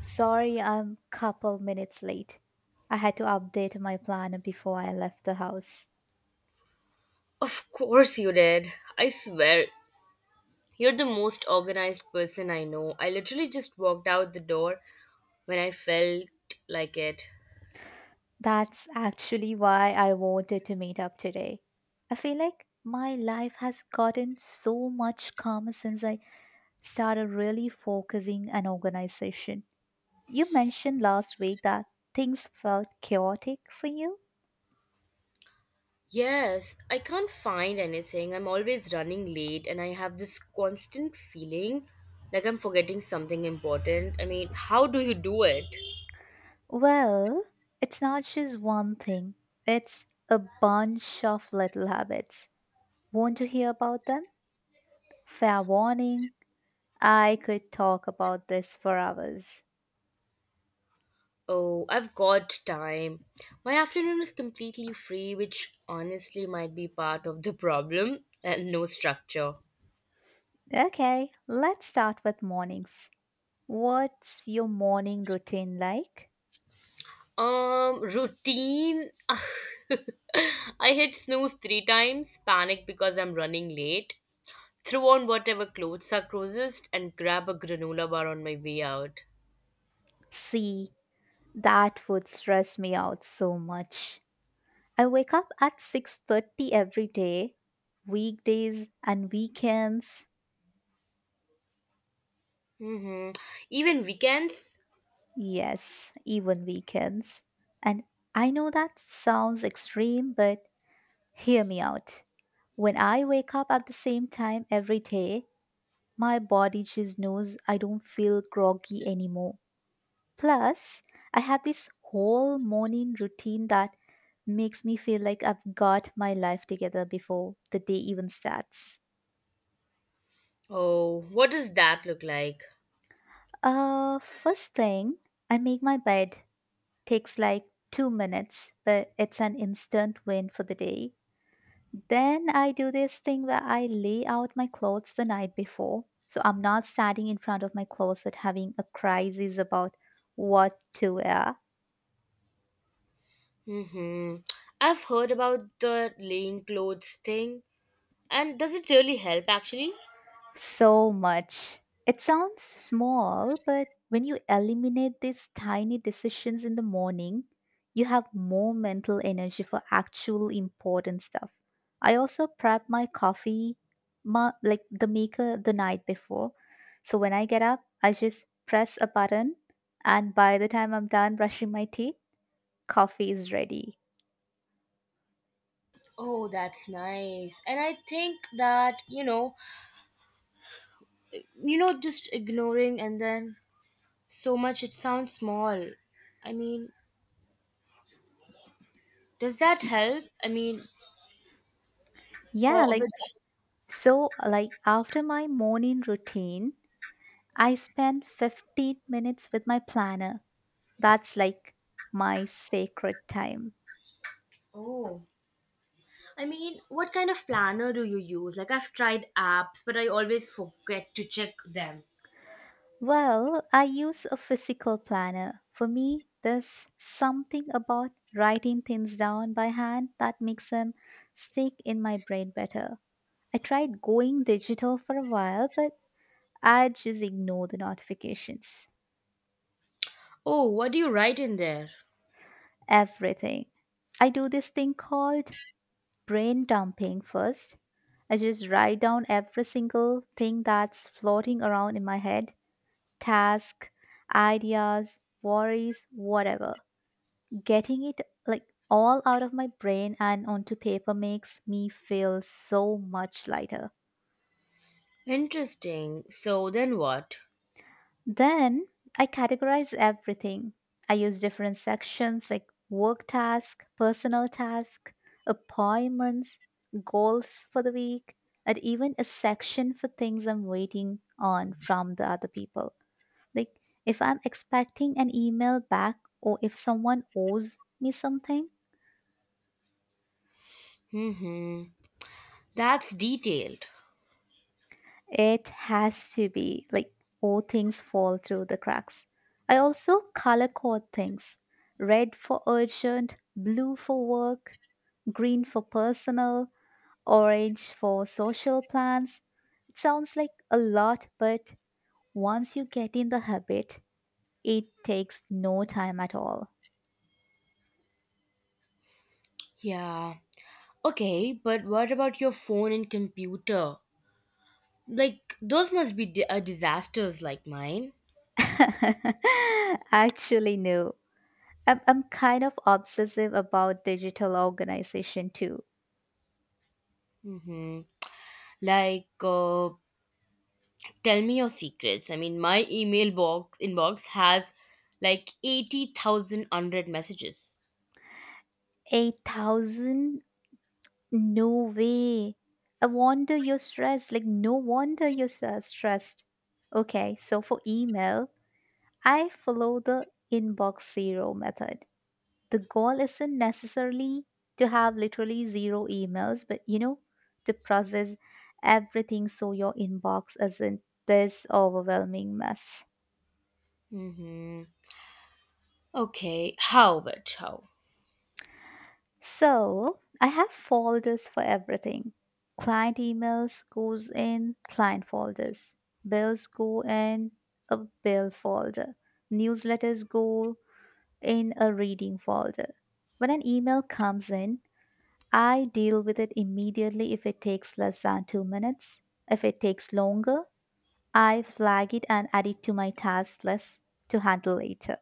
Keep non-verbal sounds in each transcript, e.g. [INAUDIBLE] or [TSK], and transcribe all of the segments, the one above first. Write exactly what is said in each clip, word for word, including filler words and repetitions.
Sorry, I'm couple minutes late. I had to update my plan before I left the house. Of course you did. I swear, you're the most organized person I know. I literally just walked out the door when I felt like it. That's actually why I wanted to meet up today. I feel like my life has gotten so much calmer since I started really focusing on organization. You mentioned last week that things felt chaotic for you. Yes, I can't find anything. I'm always running late and I have this constant feeling like I'm forgetting something important. I mean, how do you do it? Well, it's not just one thing, it's a bunch of little habits. Want to hear about them? Fair warning, I could talk about this for hours. Oh, I've got time. My afternoon is completely free, which honestly might be part of the problem and no structure. Okay, let's start with mornings. What's your morning routine like? Um, routine. [LAUGHS] I hit snooze three times, panic because I'm running late, throw on whatever clothes are closest, and grab a granola bar on my way out. See, that would stress me out so much. I wake up at six thirty every day, weekdays and weekends. Mm-hmm. Even weekends? Yes, even weekends. And I know that sounds extreme, but hear me out. When I wake up at the same time every day, my body just knows. I don't feel groggy anymore. Plus, I have this whole morning routine that makes me feel like I've got my life together before the day even starts. Oh, what does that look like? Uh, first thing, I make my bed. Takes like two minutes, but it's an instant win for the day. Then I do this thing where I lay out my clothes the night before, so I'm not standing in front of my closet having a crisis about what to wear. Mm-hmm. I've heard about the laying clothes thing. And does it really help actually? So much. It sounds small, but when you eliminate these tiny decisions in the morning, you have more mental energy for actual important stuff. I also prep my coffee, ma- like the maker, the night before. So when I get up, I just press a button, and by the time I'm done brushing my teeth, coffee is ready. Oh, that's nice. And I think that, you know, you know, just ignoring. And then, so much. It sounds small. I mean, does that Y- help? I mean, Yeah, co- like with s- so, like, after my morning routine, I spend fifteen minutes with my planner. That's like my sacred time. oh, I mean, what kind of planner do you use? Like, I've tried apps, but I always forget to check them. Well, I use a physical planner. For me, there's something about writing things down by hand that makes them stick in my brain better. I tried going digital for a while, but I just ignore the notifications. Oh, what do you write in there? Everything. I do this thing called brain dumping first. I just write down every single thing that's floating around in my head: task, ideas, worries, whatever. Getting it, like, all out of my brain and onto paper makes me feel so much lighter. Interesting. So then what? Then I categorize everything. I use different sections like work task, personal task, appointments, goals for the week, and even a section for things I'm waiting on from the other people. Like, if I'm expecting an email back or if someone owes me something. Hmm, that's detailed. It has to be. Like, all things fall through the cracks. I also color code things: red for urgent, blue for work, green for personal, orange for social plans. It sounds like a lot, but once you get in the habit, it takes no time at all. Yeah, okay, but what about your phone and computer? Like, those must be di- uh, disasters like mine. [LAUGHS] Actually, no. I'm, I'm kind of obsessive about digital organization too. Mm. Like, uh, tell me your secrets. I mean, my email box inbox has like eighty thousand unread messages. eight thousand? No way. I wonder you're stressed. Like, no wonder you're stre- stressed. Okay, so for email, I follow the inbox zero method. The goal isn't necessarily to have literally zero emails, but, you know, to process everything so your inbox isn't this overwhelming mess. Mm-hmm. Okay, how about how? So I have folders for everything. Client emails goes in client folders. Bills go in a bill folder. Newsletters go in a reading folder. When an email comes in, I deal with it immediately if it takes less than two minutes. If it takes longer, I flag it and add it to my task list to handle later.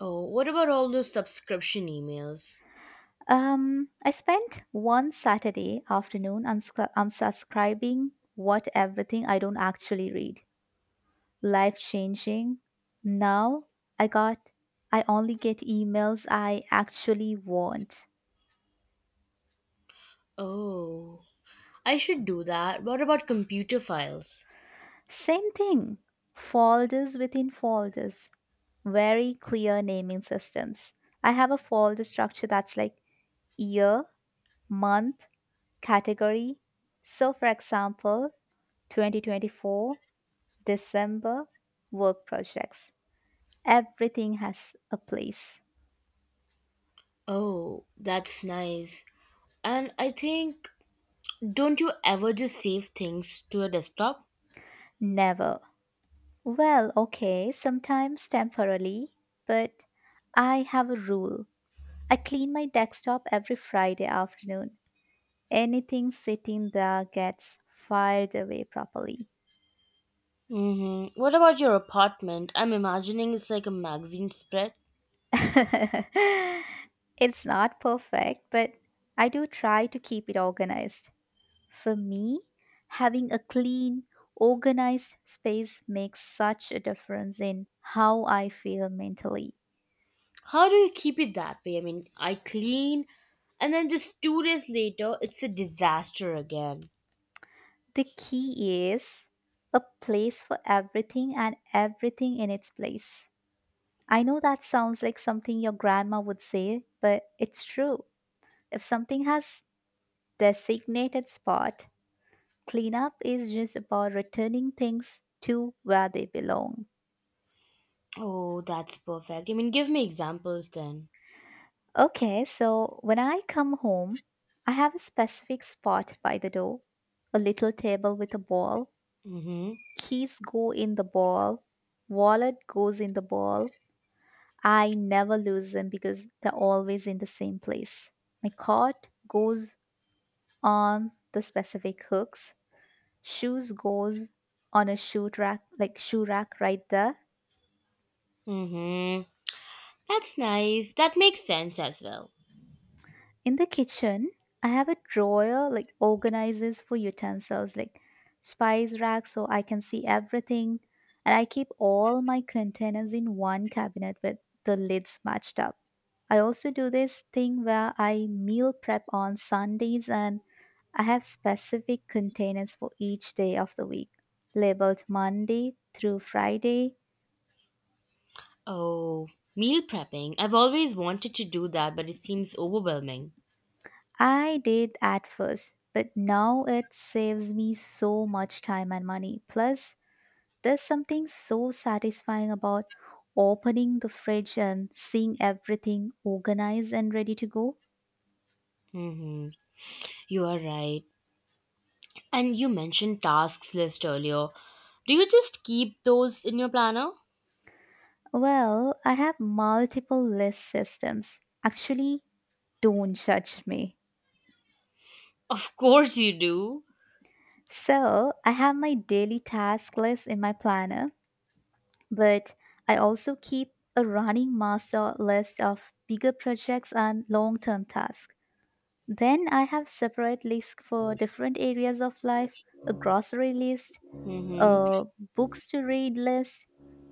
Oh, what about all those subscription emails? Um, I spent one Saturday afternoon unscri- unsubscribing what everything I don't actually read. Life changing. Now I got I only get emails I actually want. Oh, I should do that. What about computer files? Same thing. Folders within folders. Very clear naming systems. I have a folder structure that's like year, month, category. So for example, twenty twenty-four December, work projects. Everything has a place. Oh, that's nice. And I think, don't you ever just save things to a desktop? Never. Well, okay, sometimes temporarily, but I have a rule. I clean my desktop every Friday afternoon. Anything sitting there gets filed away properly. Mm-hmm. What about your apartment? I'm imagining it's like a magazine spread. [LAUGHS] It's not perfect, but I do try to keep it organized. For me, having a clean, organized space makes such a difference in how I feel mentally. How do you keep it that way? I mean, I clean and then just two days later, it's a disaster again. The key is a place for everything and everything in its place. I know that sounds like something your grandma would say, but it's true. If something has designated spot, cleanup is just about returning things to where they belong. Oh, that's perfect. I mean, give me examples then. Okay, so when I come home, I have a specific spot by the door, a little table with a ball. Mm hmm. Keys go in the ball, wallet goes in the ball. I never lose them because they're always in the same place. My coat goes on the specific hooks. Shoes goes on a shoe rack, like shoe rack right there. Mm hmm. That's nice. That makes sense as well. In the kitchen, I have a drawer like organizes for utensils like spice rack so I can see everything, and I keep all my containers in one cabinet with the lids matched up. I also do this thing where I meal prep on Sundays, and I have specific containers for each day of the week, labeled Monday through Friday. Oh, meal prepping. I've always wanted to do that, but it seems overwhelming. I did at first, but now it saves me so much time and money. Plus, there's something so satisfying about opening the fridge and seeing everything organized and ready to go. Mm hmm. You are right. And you mentioned tasks list earlier. Do you just keep those in your planner? Well, I have multiple list systems. Actually, don't judge me. Of course you do. So, I have my daily task list in my planner, but I also keep a running master list of bigger projects and long term tasks. Then I have separate lists for different areas of life: a grocery list, Mm hmm. uh, books to read list,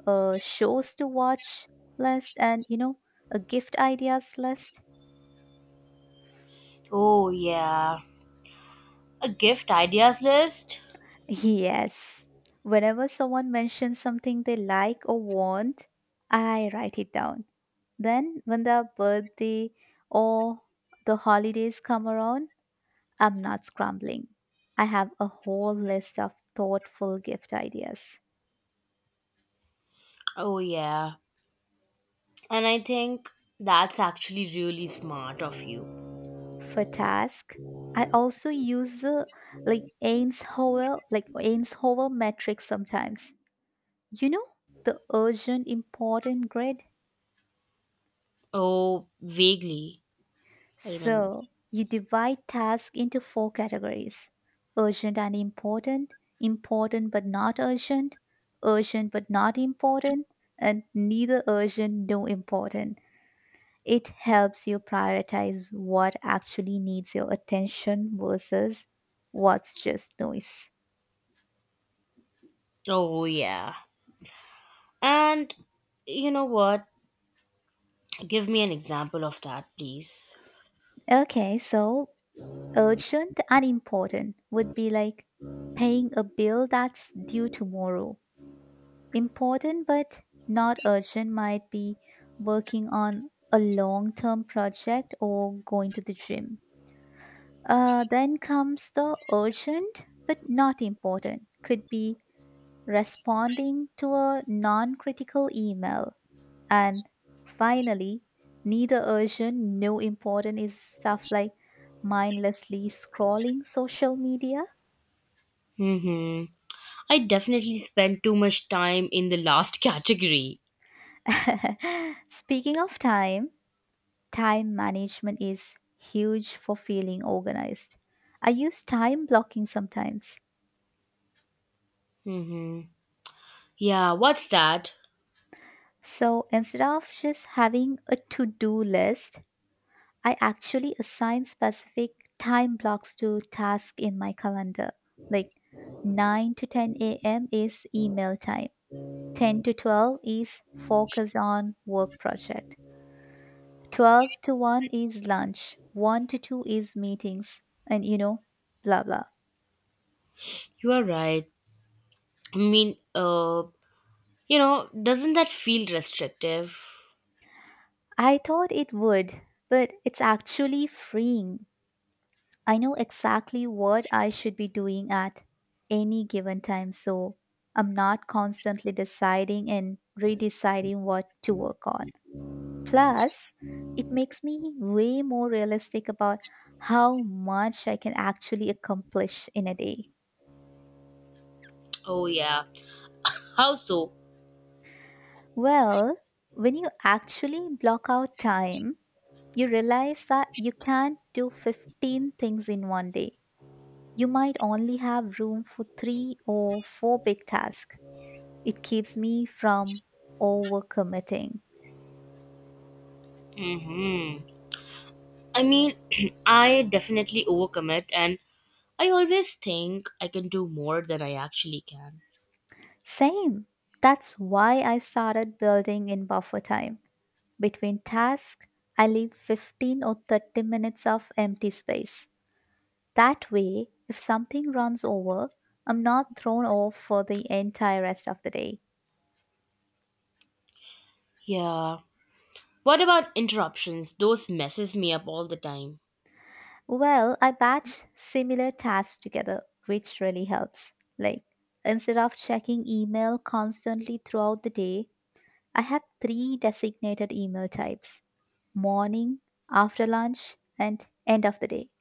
uh, shows to watch list, and, you know, a gift ideas list. [LAUGHS] Oh, yeah. A gift ideas list? Yes. Whenever someone mentions something they like or want, I write it down. Then, when the birthday or the holidays come around, I'm not scrambling. I have a whole list of thoughtful gift ideas. Oh, yeah. And I think that's actually really smart of you. For task. I also use the like Eisenhower like Eisenhower metric sometimes. You know, the urgent important grid. Oh, vaguely. I remember. So you divide tasks into four categories: urgent and important, important but not urgent, urgent but not important, and neither urgent nor important. It helps you prioritize what actually needs your attention versus what's just noise. Oh, yeah. And you know what? Give me an example of that, please. Okay, so urgent and important would be like paying a bill that's due tomorrow. Important but not urgent might be working on a long term project or going to the gym. Uh, then comes the urgent but not important, could be responding to a non critical email, and finally, neither urgent nor important is stuff like mindlessly scrolling social media. Mm-hmm. I definitely spent too much time in the last [LAUGHS] category. [LAUGHS] Speaking of time, time management is huge for feeling organized. I use time blocking sometimes. Mm-hmm. Yeah, what's that? So instead of just having a to do list, I actually assign specific time blocks to tasks in my calendar. Like nine to ten a m is email time. ten to twelve is focus on work project. twelve to one is lunch. one to two is meetings, and, you know, blah blah. You are right. I mean, uh, you know, doesn't that feel restrictive? I thought it would, but it's actually freeing. I know exactly what I should be doing at any given time, so I'm not constantly deciding and redeciding what to work on. Plus, it makes me way more realistic about how much I can actually accomplish in a day. Oh, yeah. How so? Well, when you actually block out time, you realize that you can't do fifteen things in one day. You might only have room for three or four big tasks. It keeps me from overcommitting. Hmm. I mean, [CLEARS THROAT] I definitely overcommit, and I always think I can do more than I actually can. Same. That's why I started building in buffer time. Between tasks, I leave fifteen or thirty minutes of empty space. That way, if something runs over, I'm not thrown off for the entire rest of the day. Yeah. What about interruptions? Those messes me up all the time. Well, I batch similar tasks together, which really helps. Like, instead of checking email constantly throughout the day, I have three designated email types: morning, after lunch, and end of the day.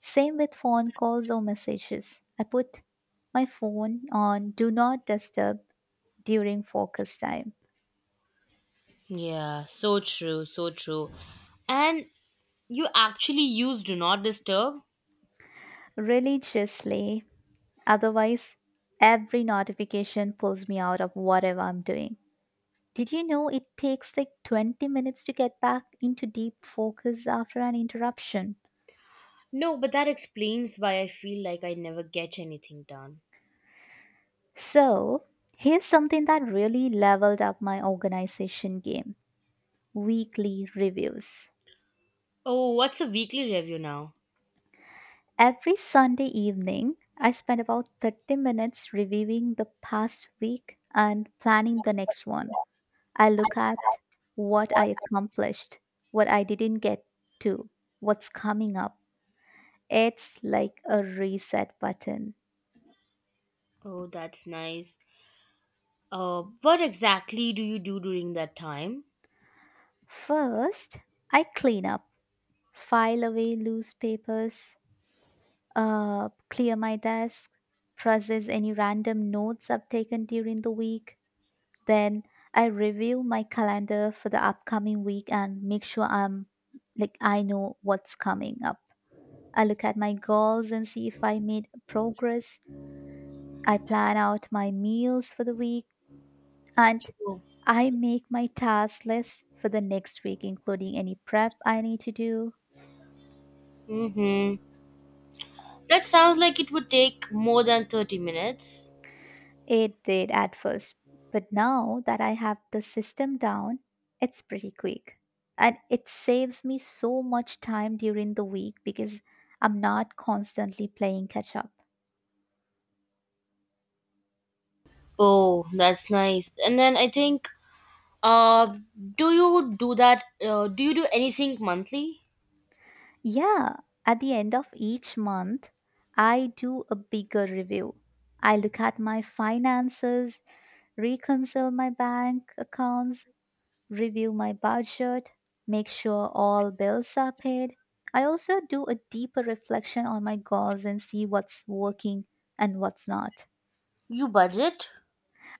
Same with phone calls or messages. I put my phone on do not disturb during focus time Yeah, so true, so true. And you actually use do not disturb? religiously. Otherwise, every notification pulls me out of whatever I'm doing. Did you know it takes like twenty minutes to get back into deep focus after an interruption? No, but that explains why I feel like I never get anything done. So, here's something that really leveled up my organization game: weekly reviews. Oh, what's a weekly review now? Every Sunday evening, I spend about thirty minutes reviewing the past week and planning the next one. I look at what I accomplished, what I didn't get to, what's coming up. It's like a reset button. Oh, that's nice. Uh, what exactly do you do during that time? First, I clean up, file away loose papers, uh, clear my desk, process any random notes I've taken during the week. Then I review my calendar for the upcoming week and make sure I'm like I know what's coming up. I look at my goals and see if I made progress. I plan out my meals for the week, and I make my task list for the next week, including any prep I need to do. Mm-hmm. That sounds like it would take more than thirty minutes. It did at first, but now that I have the system down, it's pretty quick. And it saves me so much time during the week because I'm not constantly playing catch up. Oh, that's nice. And then I think, uh, do you do that? Uh, do you do anything monthly? Yeah, at the end of each month, I do a bigger review. I look at my finances, reconcile my bank accounts, review my budget, make sure all bills are paid. I also do a deeper reflection on my goals and see what's working and what's not. You budget?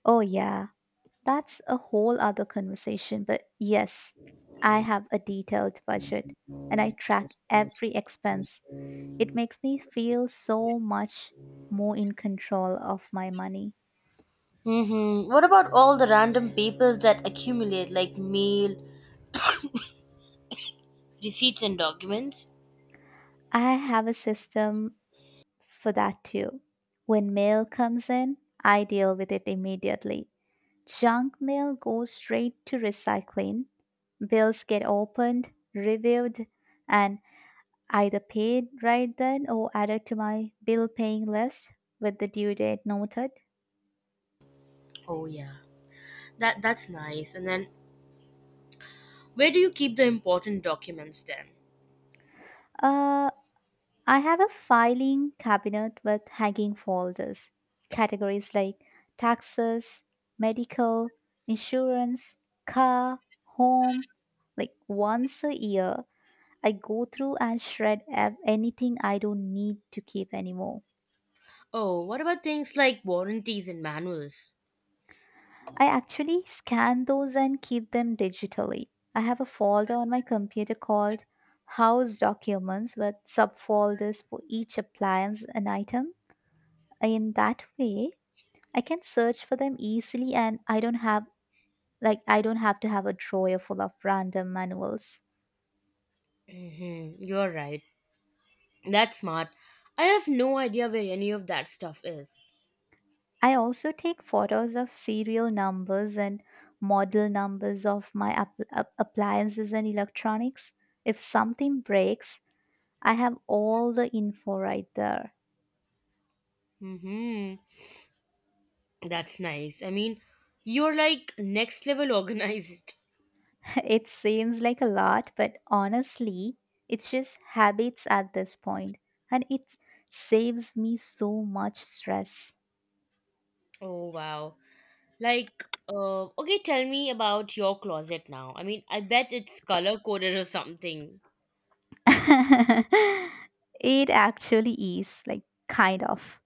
Oh, yeah, that's a whole other conversation. But yes, I have a detailed budget and I track every expense. It makes me feel so much more in control of my money. Mm-hmm. What about all the random papers that accumulate, like mail, receipts, and documents? I have a system for that too. When mail comes in, I deal with it immediately. Junk mail goes straight to recycling. Bills get opened, reviewed, and either paid right then or added to my bill paying list with the due date noted. Oh, yeah. That that's nice. And then, where do you keep the important documents then? Uh, I have a filing cabinet with hanging folders. Categories like taxes, medical, insurance, car, home. Like once a year, I go through and shred ev- anything I don't need to keep anymore. Oh, what about things like warranties and manuals? I actually scan those and keep them digitally. I have a folder on my computer called House Documents with subfolders for each appliance and item. In that way, I can search for them easily and I don't have like I don't have to have a drawer full of random manuals. Mm-hmm. You're right. That's smart. I have no idea where any of that stuff is. I also take photos of serial numbers and model numbers of my app- app- appliances and electronics. If something breaks, I have all the info right there. Hmm. That's nice. I mean, you're like next level [LAUGHS] organized. [LAUGHS] It seems like a lot, but honestly, it's just habits at this point, and it saves me so much stress. Oh, wow. Like, uh, okay, tell me about your closet now. I mean, I bet it's color coded or something. [LAUGHS] It actually is, like, kind of.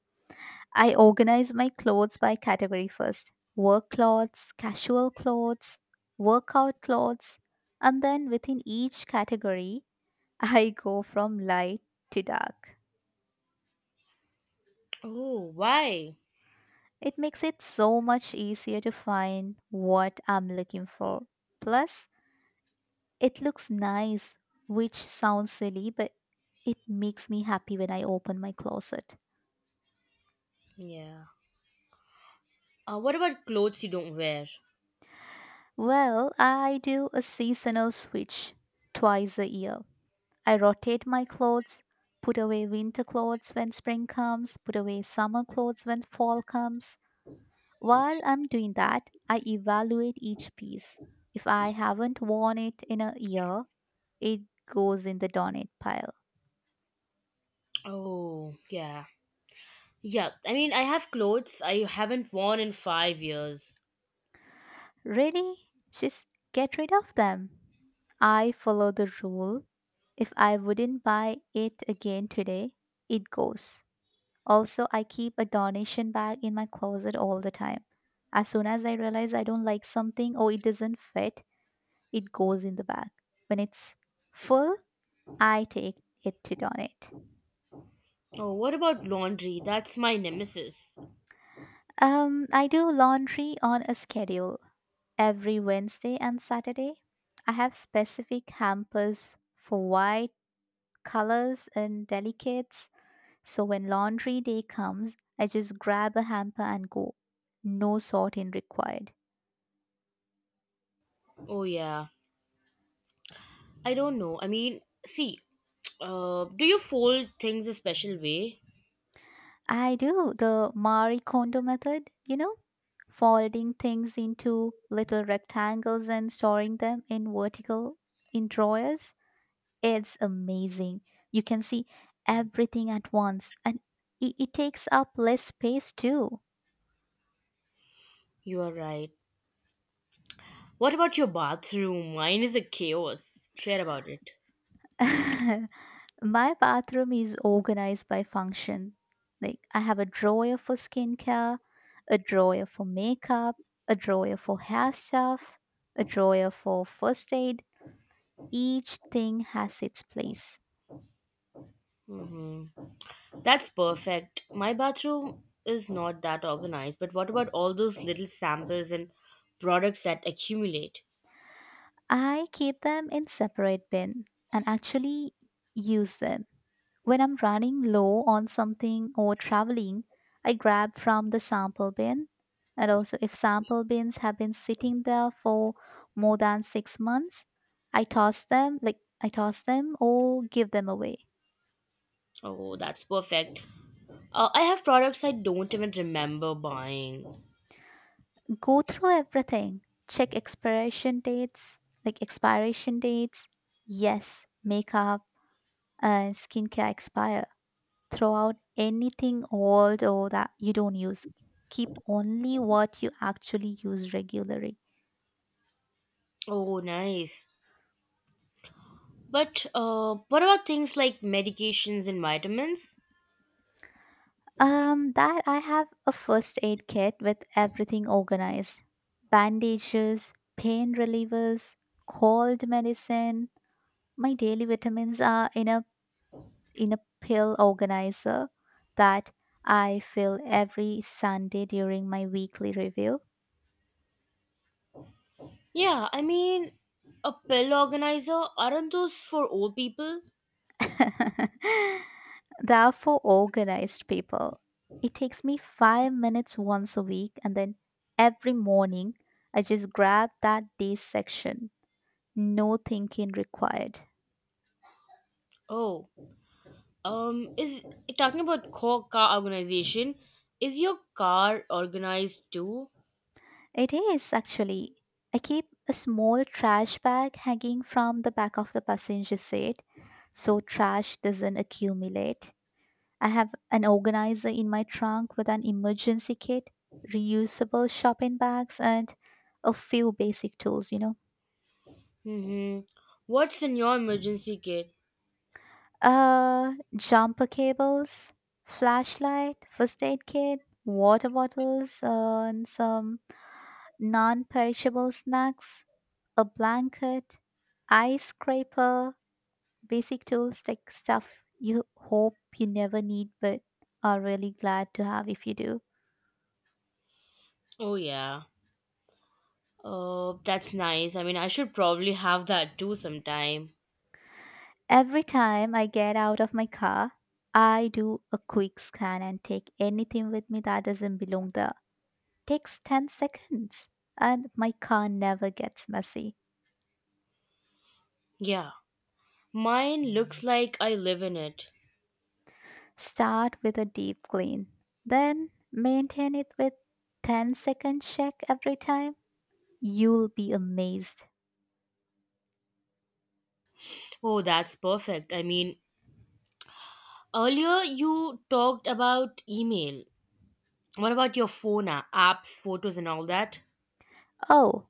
I organize my clothes by category: first, work clothes, casual clothes, workout clothes, and then within each category, [LAUGHS] I go from light to dark. Oh, why? It makes it so much easier to find what I'm looking for. Plus, it looks nice, which sounds silly, but it makes me happy when I open my closet. Yeah. Uh, what about clothes you don't wear? Well, I do a seasonal switch twice a year. I rotate my clothes, put away winter clothes when spring comes, put away summer clothes when fall comes. While I'm doing that, I evaluate each piece. If I haven't worn it in a year, it goes in the donate pile. Oh, yeah. Yeah, I mean, I have clothes I haven't worn in five years. Really? Just get rid of them. I follow the rule. If I wouldn't buy it again today, it goes. Also, I keep a donation bag in my closet all the time. As soon as I realize I don't like something or it doesn't fit, it goes in the bag. When it's full, I take it to donate. Oh, what about laundry? That's my nemesis. Um, I do laundry on a schedule. Every Wednesday and Saturday, I have specific hampers for white, colors, and delicates. So when laundry day comes, I just grab a hamper and go. No sorting required. Oh, yeah. I don't know. I mean, see, [TSK] uh, do you fold things a special way? I do the Marie Kondo method, you know, folding things into little rectangles and storing them in vertical in drawers. It's amazing. You can see everything at once and it, it takes up less space too. You are right. What about your bathroom? Mine is a chaos. Share about it. [LAUGHS] My bathroom is organized by function. Like I have a drawer for skincare, a drawer for makeup, a drawer for hair stuff, a drawer for first aid. Each thing has its place. Mm-hmm. That's perfect. My bathroom is not that organized, but what about all those little samples and products that accumulate? I keep them in separate bin and actually use them. When I'm running low on something or traveling, I grab from the sample bin. And also, if sample bins have been sitting there for more than six months, I toss them, like I toss them or give them away. Oh, that's perfect. Uh, I have products I don't even remember buying. Go through everything. Check expiration dates, like expiration dates. Yes, makeup and skincare expire. Throw out anything old or that you don't use. Keep only what you actually use regularly. Oh, nice. But uh, what about things like medications and vitamins? Um, that I have a first aid kit with everything organized: bandages, pain relievers, cold medicine. My daily vitamins are in a in a pill organizer that I fill every Sunday during my weekly review. Yeah, I mean, a pill organizer, aren't those for old people? [LAUGHS] They are for organized people. It takes me five minutes once a week, and then every morning I just grab that day's section. No thinking required. Oh, um, is talking about co- car organization, is your car organized too? It is actually. I keep a small trash bag hanging from the back of the passenger seat so trash doesn't accumulate. I have an organizer in my trunk with an emergency kit, reusable shopping bags, and a few basic tools, you know. Mm-hmm. What's in your emergency kit? Uh, jumper cables, flashlight, first aid kit, water bottles, uh, and some non perishable snacks, a blanket, ice scraper, basic tools, like stuff you hope you never need but are really glad to have if you do. Oh, yeah. Oh, that's nice. I mean, I should probably have that too sometime. Every time I get out of my car, I do a quick scan and take anything with me that doesn't belong there. Takes ten seconds and my car never gets messy. Yeah. Mine looks like I live in it. Start with a deep clean, then maintain it with ten-second check every time. You'll be amazed. Oh, that's perfect. I mean, earlier you talked about email. What about your phone, uh, apps, photos, and all that? Oh,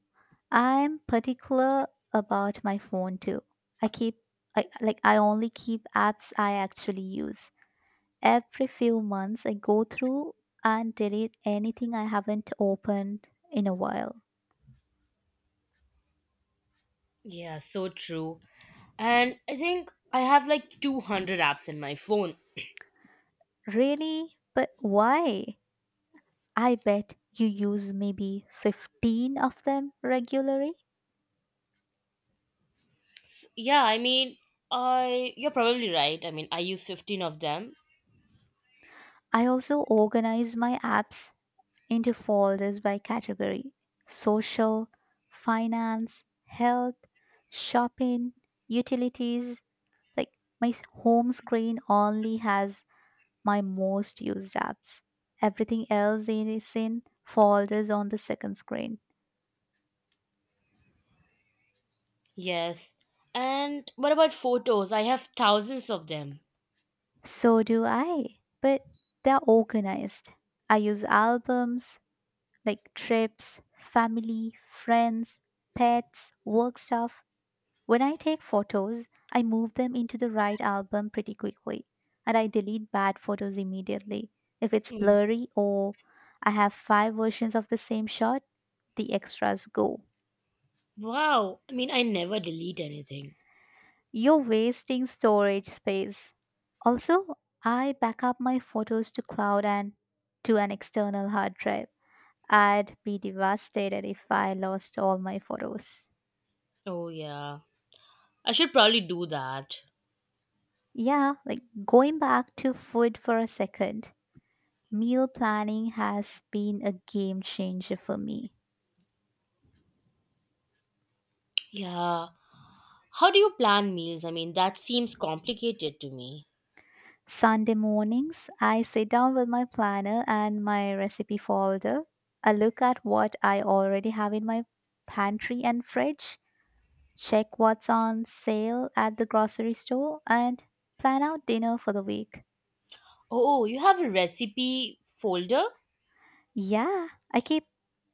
I'm particular about my phone too. I keep I, like I only keep apps I actually use. Every few months I go through and delete anything I haven't opened in a while. Yeah, so true. And I think I have like two hundred apps in my phone. Really? But why? I bet you use maybe fifteen of them regularly. Yeah, I mean, I you're probably right. I mean, I use fifteen of them. I also organize my apps into folders by category: social, finance, health, shopping, utilities. Like my s- home screen only has my most used apps. Everything else is in folders on the second screen. Yes. And what about photos? I have thousands of them. So do I, but they're organized. I use albums like trips, family, friends, pets, work stuff. When I take photos, I move them into the right album pretty quickly, and I delete bad photos immediately. If it's Mm. blurry or I have five versions of the same shot, the extras go. Wow. I mean, I never delete anything. You're wasting storage space. Also, I back up my photos to cloud and to an external hard drive. I'd be devastated if I lost all my photos. Oh, yeah. I should probably do that. Yeah, like going back to food for a second. Meal planning has been a game changer for me. Yeah. How do you plan meals? I mean, that seems complicated to me. Sunday mornings, I sit down with my planner and my recipe folder. I look at what I already have in my pantry and fridge, check what's on sale at the grocery store, and plan out dinner for the week. Oh, you have a recipe folder? Yeah, I keep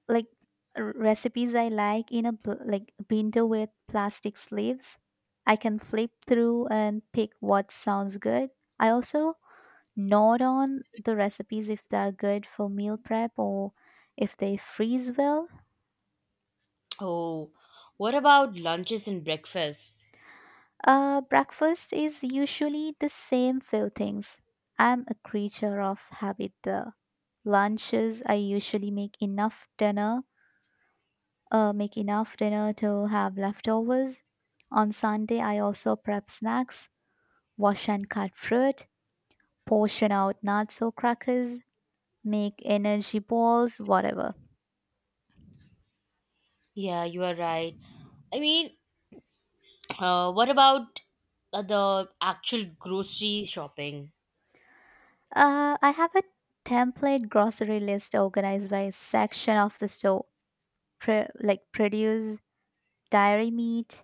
like r- recipes I like in a bl- like binder with plastic sleeves. I can flip through and pick what sounds good. I also not on the recipes if they are good for meal prep or if they freeze well. Oh, what about lunches and breakfasts? Uh, breakfast is usually the same few things. I'm a creature of habit though. Lunches, I usually make enough dinner, uh, make enough dinner to have leftovers. On Sunday, I also prep snacks, wash and cut fruit, portion out nuts or crackers, make energy balls, whatever. Yeah, you are right. I mean, uh, what about uh, the actual grocery shopping? Uh, I have a template grocery list organized by section of the store, Pre- like produce, dairy, meat,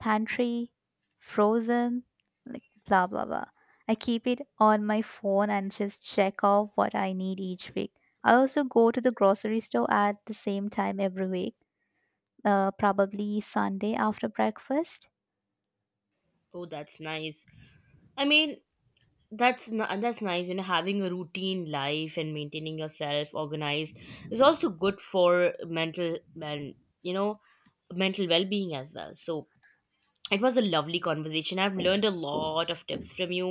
pantry, frozen, like blah blah blah. I keep it on my phone and just check off what I need each week. I also go to the grocery store at the same time every week, uh, probably Sunday after breakfast. Oh, that's nice. I mean, that's n- that's nice. You know, having a routine life and maintaining yourself organized is also good for mental and you know mental well-being as well. So it was a lovely conversation. I've learned a lot of tips from you.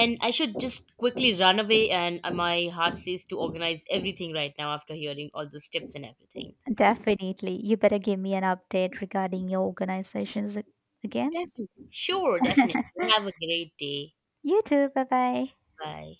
And I should just quickly run away. And uh, my heart says to organize everything right now after hearing all those tips and everything. Definitely. You better give me an update regarding your organizations a- again. Definitely. Sure, definitely. [LAUGHS] Have a great day. You too. Bye bye. Bye.